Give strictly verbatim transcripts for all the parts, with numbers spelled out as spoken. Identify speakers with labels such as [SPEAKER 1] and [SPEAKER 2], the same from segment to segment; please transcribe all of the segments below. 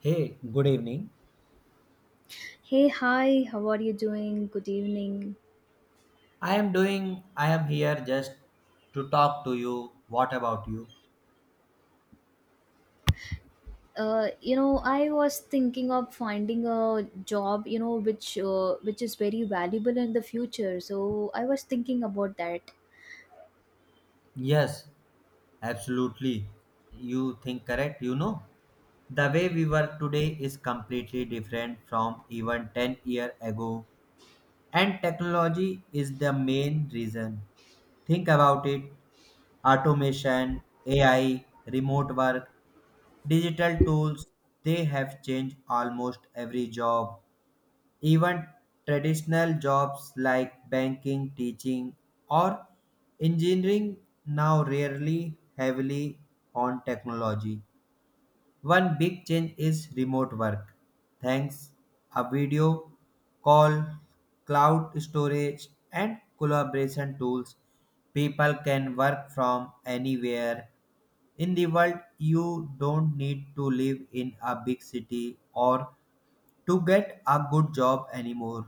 [SPEAKER 1] Hey, good evening.
[SPEAKER 2] Hey, hi, how are you doing? Good evening.
[SPEAKER 1] I am doing, I am here just to talk to you. What about you?
[SPEAKER 2] Uh, you know, I was thinking of finding a job, you know, which uh, which is very valuable in the future. So I was thinking about that.
[SPEAKER 1] Yes, absolutely. You think correct, you know. The way we work today is completely different from even ten year ago, and technology is the main reason. Think about it. Automation, A I, remote work, digital tools, they have changed almost every job. Even traditional jobs like banking, teaching, or engineering now rarely heavily on technology. One big change is remote work. Thanks a video call, cloud storage, and collaboration tools, people can work from anywhere in the world. You don't need to live in a big city or to get a good job anymore.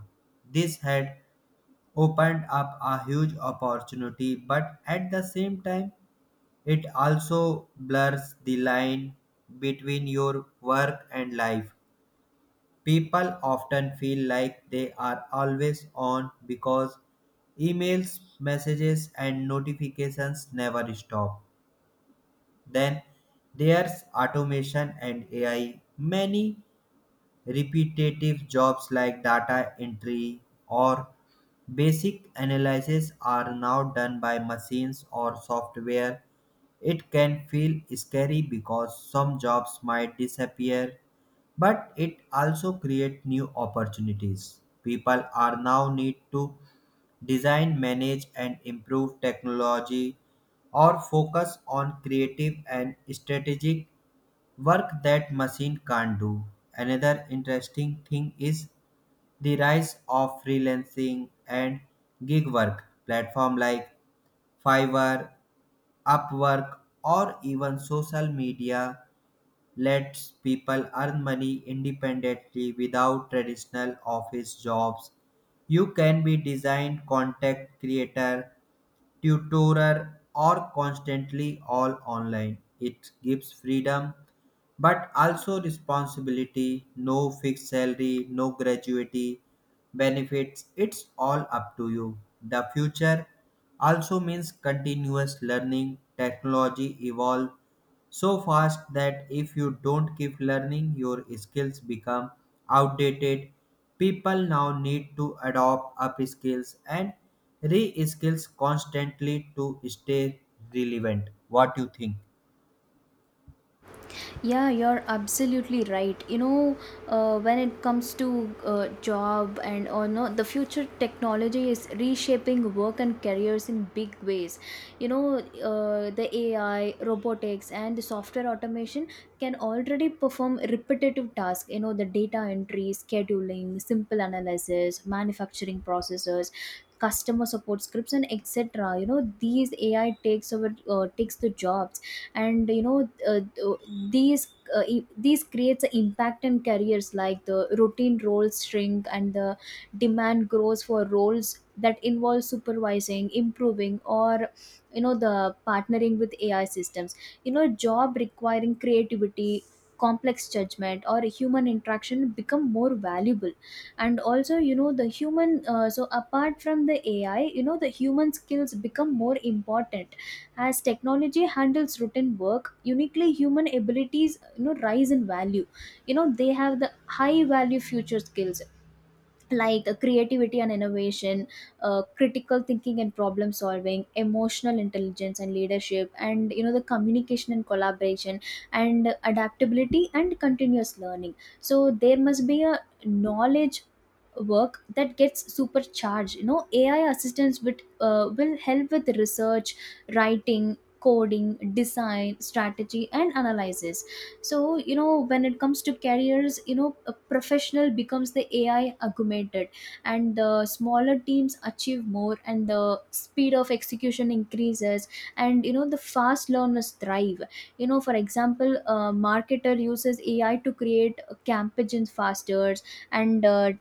[SPEAKER 1] This had opened up a huge opportunity, but at the same time, it also blurs the line between your work and life. People often feel like they are always on because emails, messages, and notifications never stop. Then there's automation and A I. Many repetitive jobs like data entry or basic analysis are now done by machines or software. It can feel scary because some jobs might disappear, but it also creates new opportunities. People are now need to design, manage, and improve technology or focus on creative and strategic work that machine can't do. Another interesting thing is the rise of freelancing and gig work platform like Fiverr, Upwork, or even social media lets people earn money independently without traditional office jobs. You can be design, content creator, tutorer, or constantly all online. It gives freedom but also responsibility, no fixed salary, no gratuity, benefits. It's all up to you. The future also means continuous learning. Technology evolve so fast that if you don't keep learning, your skills become outdated. People now need to adopt up skills and re-skills constantly to stay relevant. What do you think?
[SPEAKER 2] Yeah, you're absolutely right. You know, uh, when it comes to uh, job and or no, the future technology is reshaping work and careers in big ways. You know, uh, the A I, robotics, and the software automation can already perform repetitive tasks. You know, the data entry, scheduling, simple analysis, manufacturing processes, customer support scripts, and etc. You know these ai takes over, uh, takes the jobs. And you know uh, uh, these uh, i- these creates an impact in careers like the routine roles shrink and the demand grows for roles that involve supervising, improving, or you know the partnering with ai systems. You know job requiring creativity, complex judgment, or human interaction become more valuable. And also you know the human uh, so apart from the ai, you know the human skills become more important. As technology handles routine work, uniquely human abilities, you know rise in value. You know they have the high value future skills like uh, creativity and innovation, uh, critical thinking and problem solving, emotional intelligence and leadership, and you know the communication and collaboration and adaptability and continuous learning. So there must be a knowledge work that gets supercharged. You know ai assistants with, uh, will help with research, writing, coding, design, strategy, and analysis. So you know when it comes to careers, you know a professional becomes the ai augmented, and the smaller teams achieve more, and the speed of execution increases, and you know the fast learners thrive. You know for example, a marketer uses ai to create campaigns faster, and uh,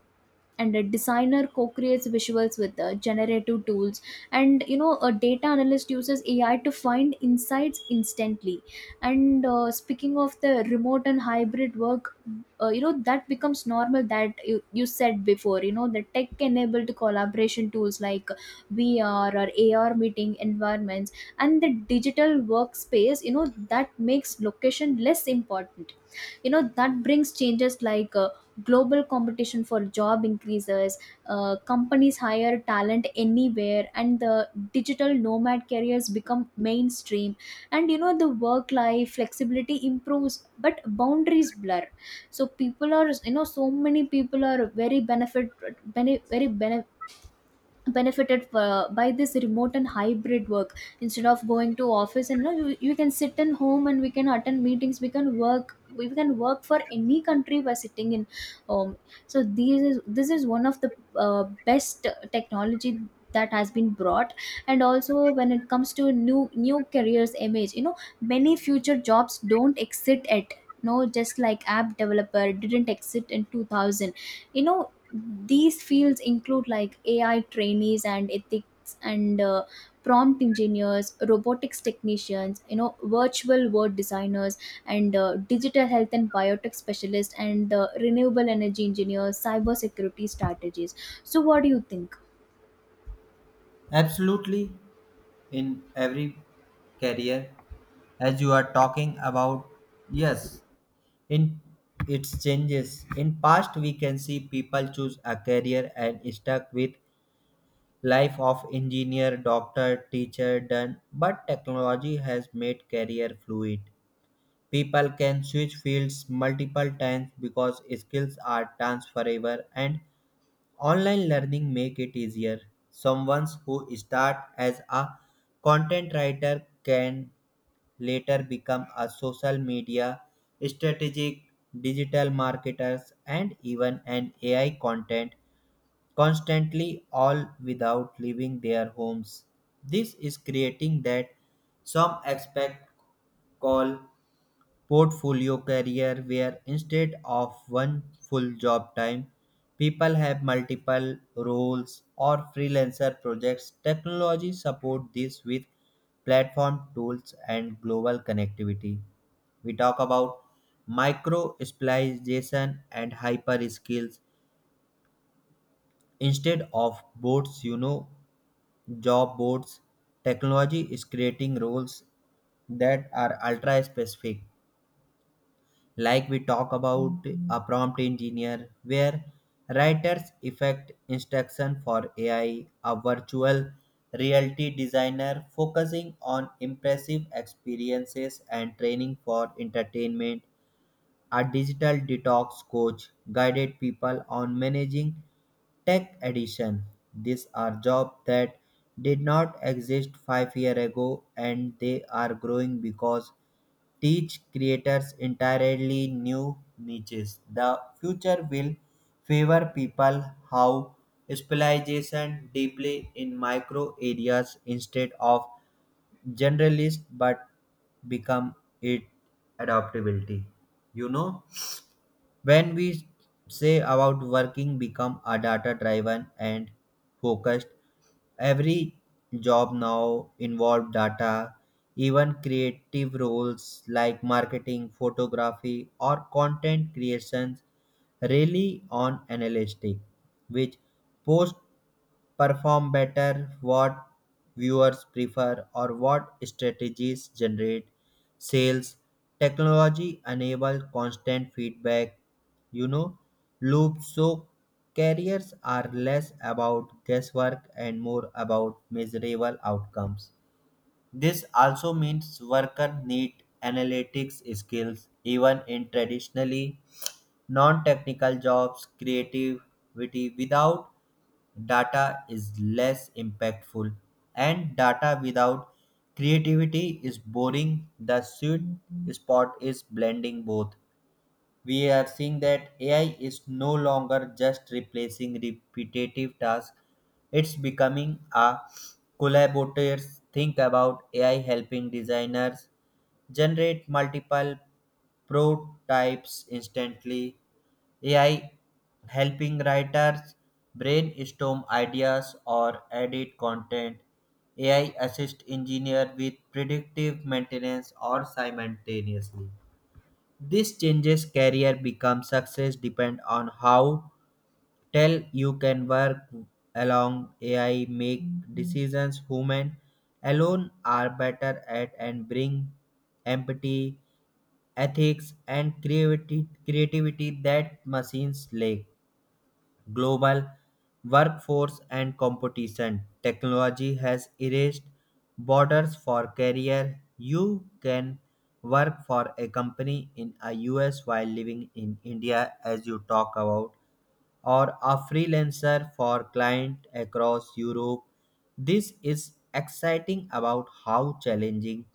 [SPEAKER 2] and a designer co-creates visuals with uh, generative tools, and you know a data analyst uses ai to find insights instantly. And uh, speaking of the remote and hybrid work, uh, you know that becomes normal, that you, you said before. You know the tech enabled collaboration tools like vr or ar meeting environments and the digital workspace, you know that makes location less important. You know that brings changes like uh, global competition for job increases. Uh, companies hire talent anywhere, and the digital nomad careers become mainstream, and you know the work life flexibility improves but boundaries blur. So people are, you know so many people are very benefit, bene- very bene- benefited uh, by this remote and hybrid work. Instead of going to office, and you, know, you you can sit in home, and we can attend meetings, we can work we can work for any country by sitting in home. So these is this is one of the uh, best technology that has been brought. And also when it comes to new new careers image, you know many future jobs don't exit at no, just like app developer didn't exit in two thousand. you know Mm-hmm. These fields include like A I trainees and ethics and uh, prompt engineers, robotics technicians, you know, virtual world designers, and uh, digital health and biotech specialists, and uh, renewable energy engineers, cybersecurity strategies. So, what do you think?
[SPEAKER 1] Absolutely, in every career, as you are talking about, yes, in its changes in past, we can see people choose a career and stuck with life of engineer, doctor, teacher, done, but technology has made career fluid. People can switch fields multiple times because skills are transferable, and online learning make it easier. Someone who start as a content writer can later become a social media strategic, digital marketers, and even an A I content constantly all without leaving their homes. This is creating that some expect call portfolio career, where instead of one full job time, people have multiple roles or freelancer projects. Technology support this with platform tools and global connectivity. We talk about micro specialization and hyper skills instead of boards, you know, job boards. Technology is creating roles that are ultra specific, like we talk about a prompt engineer where writers effect instruction for A I, a virtual reality designer focusing on impressive experiences and training for entertainment, a digital detox coach guided people on managing tech addiction. These are jobs that did not exist five years ago, and they are growing because teach creators entirely new niches. The future will favor people how specialization deeply in micro areas instead of generalist, but become it adaptability. You know, when we say about working become a data driven and focused, every job now involve data, even creative roles like marketing, photography, or content creations really on analytics, which post perform better, what viewers prefer, or what strategies generate sales. Technology enable constant feedback, you know, loops, so careers are less about guesswork and more about measurable outcomes. This also means workers need analytics skills even in traditionally non-technical jobs. Creativity without data is less impactful, and data without creativity is boring. The sweet spot is blending both. We are seeing that A I is no longer just replacing repetitive tasks, it's becoming a collaborator. Think about A I helping designers generate multiple prototypes instantly, A I helping writers brainstorm ideas or edit content. A I assist engineer with predictive maintenance or simultaneously. This changes career become success depend on how tell you can work along A I, make decisions human alone are better at, and bring empathy, ethics, and creativity, creativity that machines lack. Global workforce and competition, technology has erased borders for career. You can work for a company in a U S while living in India, as you talk about, or a freelancer for clients across Europe. This is exciting about how challenging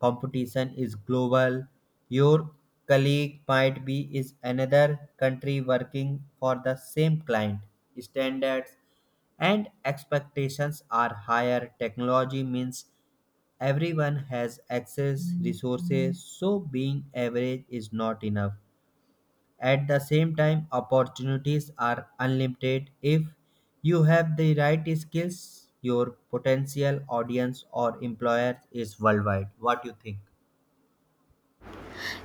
[SPEAKER 1] competition is global. Your colleague might be is another country working for the same client. Standards and expectations are higher. Technology means everyone has access resources, so being average is not enough. At the same time, opportunities are unlimited if you have the right skills. Your potential audience or employer is worldwide. What do you think?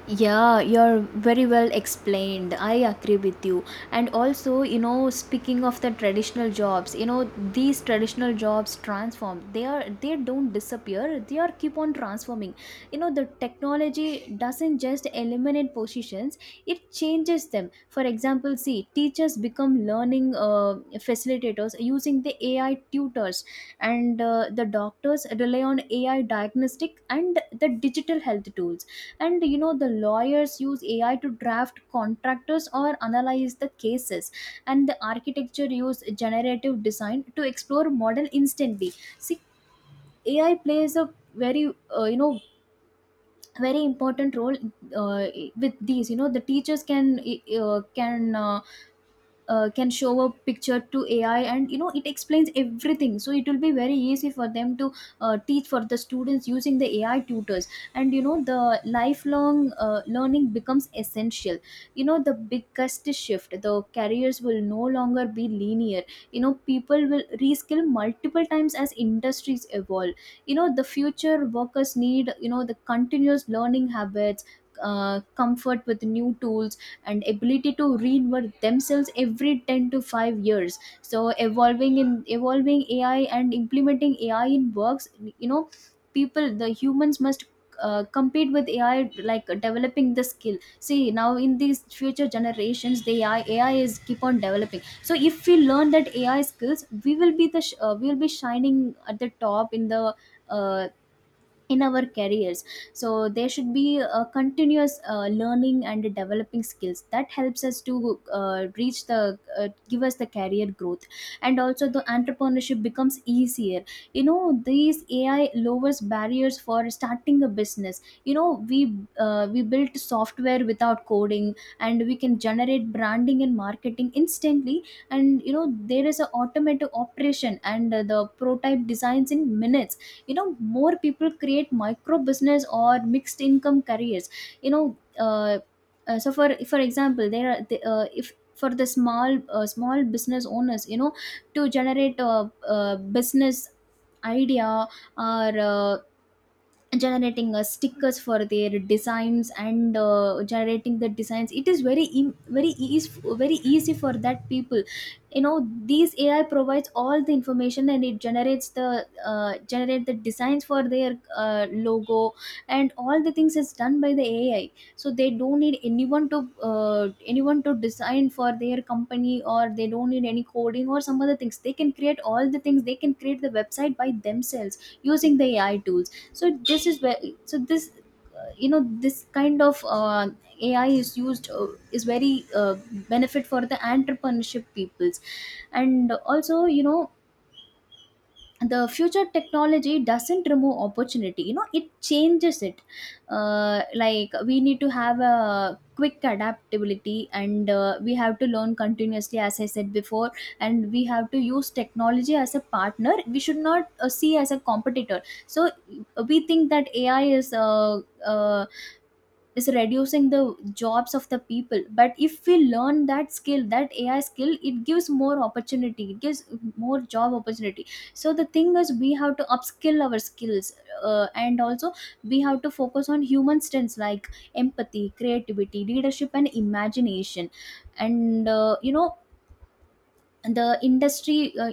[SPEAKER 2] Yeah, you're very well explained. I agree with you. And also, you know, speaking of the traditional jobs, you know, these traditional jobs transform. They are they don't disappear. They are keep on transforming. You know, the technology doesn't just eliminate positions, it changes them. For example, see, teachers become learning uh, facilitators using the A I tutors, and uh, the doctors rely on A I diagnostic and the digital health tools, and you know the lawyers use ai to draft contractors or analyze the cases, and the architecture use generative design to explore model instantly. See, ai plays a very uh, you know very important role. uh, with these, you know the teachers can uh, can uh, uh, can show a picture to ai, and you know it explains everything, so it will be very easy for them to uh, teach for the students using the ai tutors. And you know the lifelong uh, learning becomes essential. You know the biggest shift, the careers will no longer be linear. You know people will reskill multiple times as industries evolve. You know the future workers need, you know the continuous learning habits, uh, comfort with new tools, and ability to reinvent themselves every ten to five years. So evolving in evolving ai and implementing ai in works, you know people the humans must uh, compete with ai like developing the skill. See now in these future generations, the ai ai is keep on developing. So if we learn that ai skills, we will be the sh- uh, we will be shining at the top in the uh, in our careers. So there should be a continuous uh, learning and developing skills that helps us to uh, reach the uh, give us the career growth. And also the entrepreneurship becomes easier. You know these ai lowers barriers for starting a business. you know we uh, we built software without coding, and we can generate branding and marketing instantly, and you know there is a automated operation, and uh, the prototype designs in minutes. you know More people create micro business or mixed income careers. you know uh, uh, so for for example, there are the, uh, if for the small uh, small business owners, you know to generate a, a business idea, or uh, generating uh, stickers for their designs, and uh, generating the designs, it is very e- very easy, very easy for that people. You know these ai provides all the information, and it generates the uh, generate the designs for their uh, logo, and all the things is done by the ai. So they don't need anyone to uh, anyone to design for their company, or they don't need any coding or some other things. They can create all the things, they can create the website by themselves using the ai tools. So this is where so this uh, you know this kind of uh, ai is used, uh, is very uh, benefit for the entrepreneurship peoples. And also you know the future technology doesn't remove opportunity, you know it changes it. Uh, like we need to have a quick adaptability, and uh, we have to learn continuously as I said before, and we have to use technology as a partner, we should not uh, see as a competitor. So uh, we think that ai is uh, uh, is reducing the jobs of the people, but if we learn that skill, that ai skill, it gives more opportunity, it gives more job opportunity. So the thing is we have to upskill our skills, uh, and also we have to focus on human strengths like empathy, creativity, leadership, and imagination. And uh, you know the industry uh,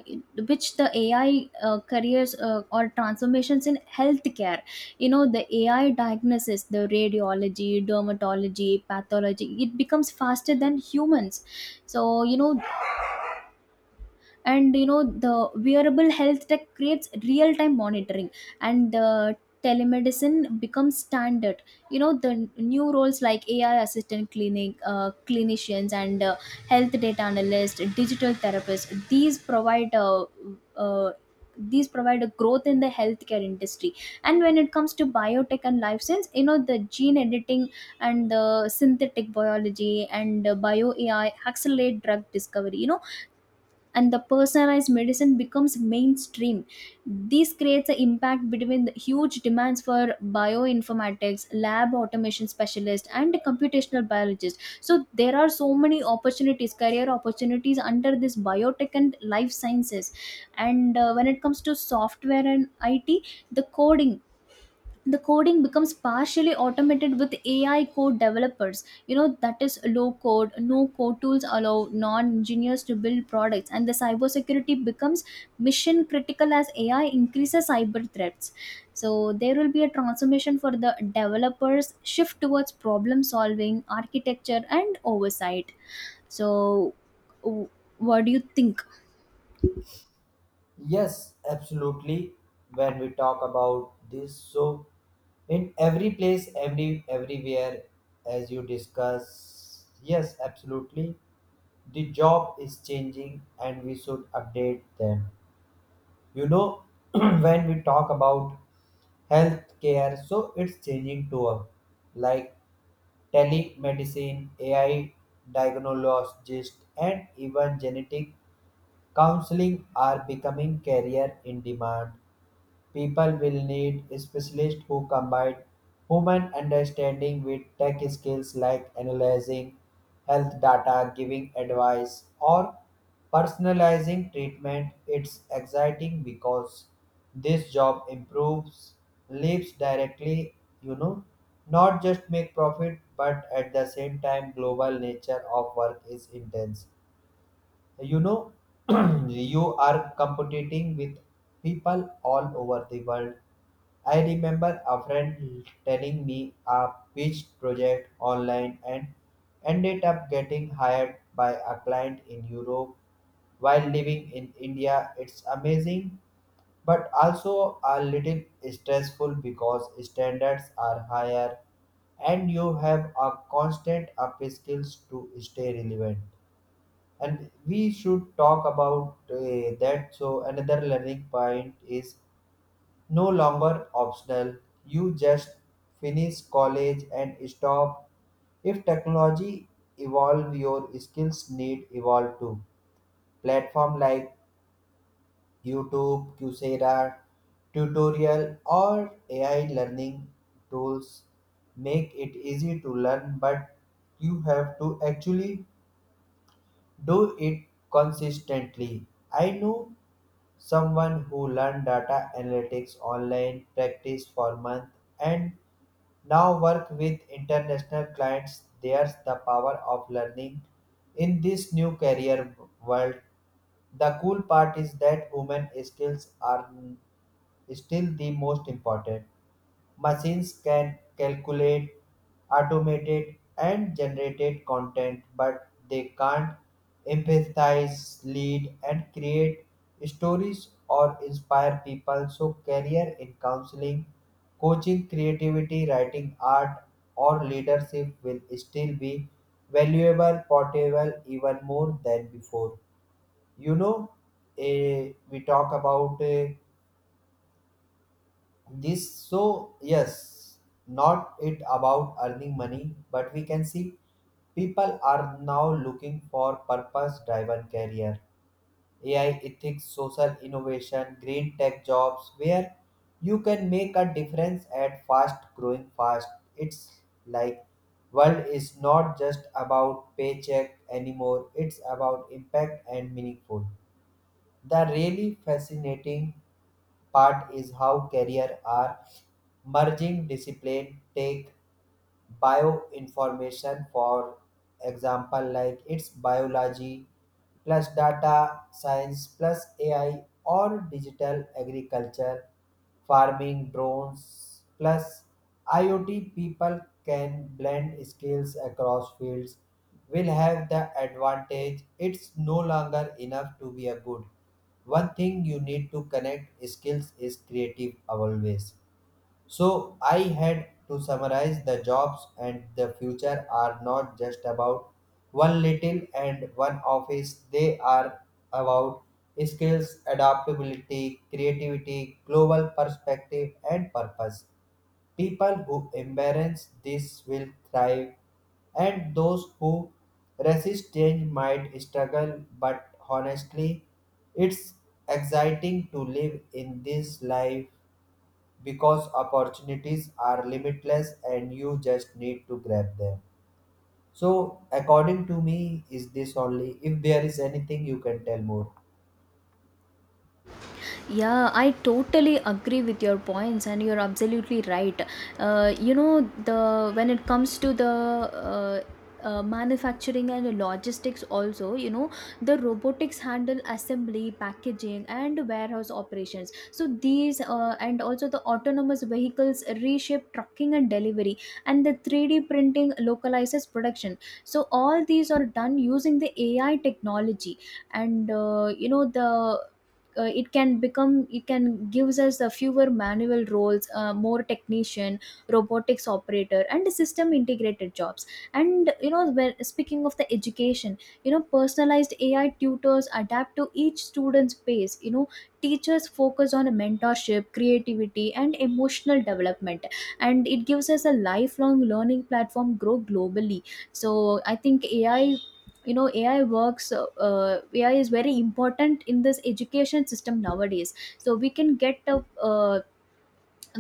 [SPEAKER 2] which the ai uh, careers uh, or transformations in healthcare, you know the ai diagnosis, the radiology, dermatology, pathology, it becomes faster than humans. So you know and you know The wearable health tech creates real time monitoring, and uh, telemedicine becomes standard. You know the n- new roles like ai assistant clinic uh, clinicians, and uh, health data analyst, digital therapist, these provide uh, uh, these provide a growth in the healthcare industry. And when it comes to biotech and life science, you know the gene editing and the synthetic biology, and uh, bio ai accelerate drug discovery. You know and the personalized medicine becomes mainstream. This creates an impact between the huge demands for bioinformatics, lab automation specialists, and computational biologists. So there are so many opportunities, career opportunities under this biotech and life sciences. And uh, when it comes to software and I T, the coding the coding becomes partially automated with A I code developers. You know, that is low code, no code tools allow non engineers to build products, and the cybersecurity becomes mission critical as A I increases cyber threats. So, there will be a transformation for the developers, shift towards problem solving, architecture, and oversight. So, w- what do you think?
[SPEAKER 1] Yes, absolutely. When we talk about this, so in every place, every everywhere, as you discuss, yes, absolutely. The job is changing, and we should update them. You know, when we talk about healthcare, so it's changing to a, like, telemedicine, A I diagnostics, and even genetic counseling are becoming career in demand. People will need specialists who combine human understanding with tech skills, like analyzing health data, giving advice, or personalizing treatment. It's exciting because this job improves lives directly, you know, not just make profit, but at the same time, global nature of work is intense. You know, you are competing with people all over the world. I remember a friend telling me a pitch project online and ended up getting hired by a client in Europe while living in India. It's amazing, but also a little stressful because standards are higher and you have a constant up skills to stay relevant. And we should talk about uh, that. So another learning point is no longer optional, you just finish college and stop. If technology evolve, your skills need evolve too. Platform like YouTube, Coursera, tutorial, or A I learning tools make it easy to learn, but you have to actually do it consistently. I know someone who learned data analytics online, practiced for months, and now work with international clients. There's the power of learning in this new career world. The cool part is that human skills are still the most important. Machines can calculate, automate, and generate content, but they can't empathize, lead, and create stories or inspire people. So, career in counseling, coaching, creativity, writing, art, or leadership will still be valuable, portable, even more than before. You know, eh, we talk about. Eh, this, so yes, not it about earning money, but we can see people are now looking for purpose driven career, A I ethics, social innovation, green tech jobs, where you can make a difference at fast growing fast. It's like world is not just about paycheck anymore, it's about impact and meaningful. The really fascinating part is how career are merging discipline. Take bioinformation for example, like its biology plus data science plus A I, or digital agriculture, farming drones plus I o T. People can blend skills across fields will have the advantage. It's no longer enough to be a good one thing, you need to connect skills is creative always. So I had to summarize the jobs and the future are not just about one little and one office. They are about skills, adaptability, creativity, global perspective, and purpose. People who embrace this will thrive, and those who resist change might struggle, but honestly, it's exciting to live in this life because opportunities are limitless and you just need to grab them. So, according to me, is this only? If there is anything, you can tell more.
[SPEAKER 2] Yeah, I totally agree with your points, and you're absolutely right. Uh, you know, the When it comes to the uh, uh, manufacturing and logistics, also, you know, the robotics handle assembly, packaging, and warehouse operations. So these uh, and also the autonomous vehicles reshape trucking and delivery, and the three D printing localizes production. So all these are done using the A I technology, and uh, you know the uh, it can become it can gives us the fewer manual roles, uh, more technician, robotics operator and system integrated jobs. And you know, when speaking of the education, you know, personalized ai tutors adapt to each student's pace, you know, teachers focus on mentorship, creativity and emotional development, and it gives us a lifelong learning platform grow globally. So I think ai, you know, ai works, uh, uh, ai is very important in this education system nowadays. So we can get a uh,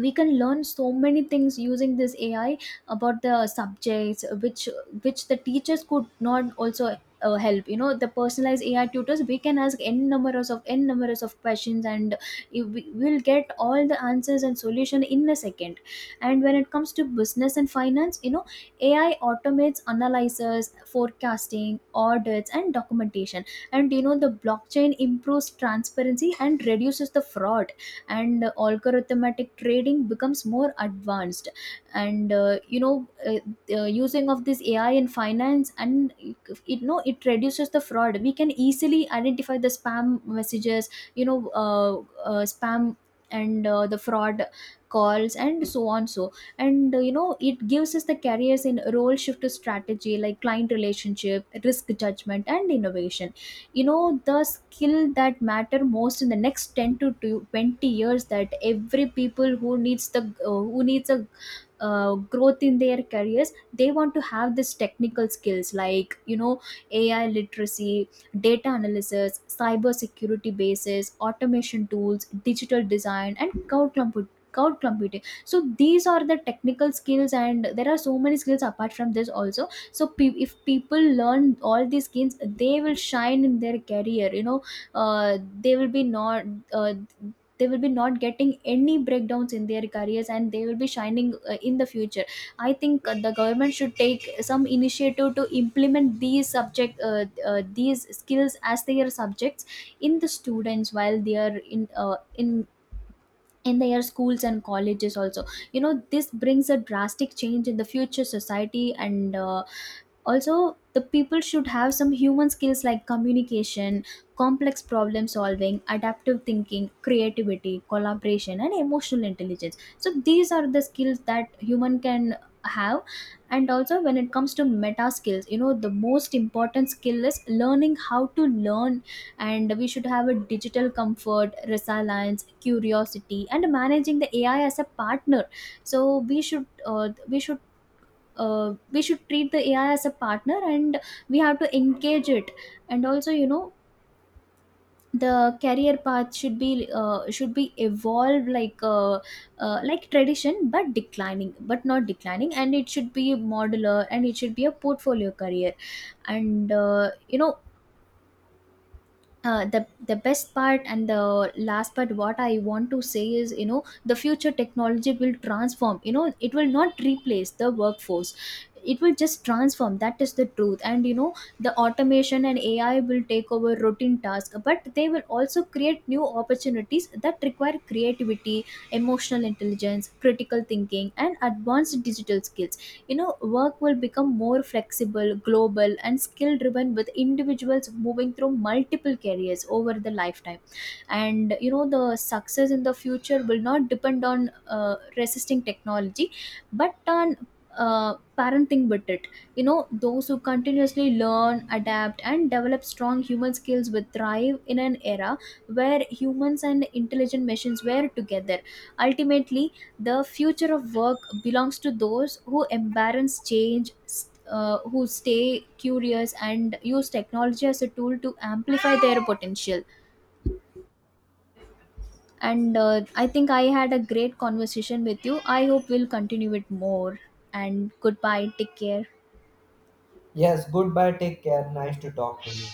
[SPEAKER 2] we can learn so many things using this ai about the subjects which which the teachers could not also uh, help. You know, the personalized ai tutors, we can ask n numbers of n numbers of questions and you- we will get all the answers and solution in a second. And when it comes to business and finance, you know, ai automates analysis, forecasting, audits and documentation. And you know, the blockchain improves transparency and reduces the fraud, and algorithmic trading becomes more advanced. And uh, you know uh, the using of this ai in finance, and it know it reduces the fraud. We can easily identify the spam messages, you know uh, uh, spam and uh, the fraud calls and so on. So and uh, you know, it gives us the careers in role shift to strategy like client relationship, risk judgment and innovation. You know the skill that matter most in the next ten to twenty years, that every people who needs the uh, who needs a uh, growth in their careers, they want to have this technical skills like, you know, ai literacy, data analysis, cyber security bases, automation tools, digital design and cloud compu- cloud computing. So these are the technical skills, and there are so many skills apart from this also. So pe- if people learn all these skills, they will shine in their career. You know, uh, they will be not uh, they will be not getting any breakdowns in their careers, and they will be shining uh, in the future. I think uh, the government should take some initiative to implement these subject, uh, uh, these skills as their subjects in the students while they are in uh, in in their schools and colleges also. You know, this brings a drastic change in the future society. And uh, also, the people should have some human skills like communication, complex problem solving, adaptive thinking, creativity, collaboration and emotional intelligence. So these are the skills that human can have. And also when it comes to meta skills, you know, the most important skill is learning how to learn, and we should have a digital comfort, resilience, curiosity and managing the ai as a partner. So we should uh, we should uh, we should treat the A I as a partner, and we have to engage it. And also, you know, the career path should be uh, should be evolved, like uh, uh, like tradition, but declining, but not declining. And it should be modular, and it should be a portfolio career. And uh, you know, uh, the the best part and the last part what I want to say is, you know, the future technology will transform, you know, it will not replace the workforce, it will just transform. That is the truth. And you know, the automation and ai will take over routine tasks, but they will also create new opportunities that require creativity, emotional intelligence, critical thinking and advanced digital skills. You know, work will become more flexible, global and skill driven, with individuals moving through multiple careers over the lifetime. And you know, the success in the future will not depend on uh, resisting technology, but on uh, parenting with it. You know, those who continuously learn, adapt and develop strong human skills will thrive in an era where humans and intelligent machines were together. Ultimately, the future of work belongs to those who embrace change, st- uh, who stay curious, and use technology as a tool to amplify their potential. And uh, I think I had a great conversation with you. I hope we'll continue it more. And goodbye. Take care.
[SPEAKER 1] Yes, goodbye. Take care. Nice to talk to you.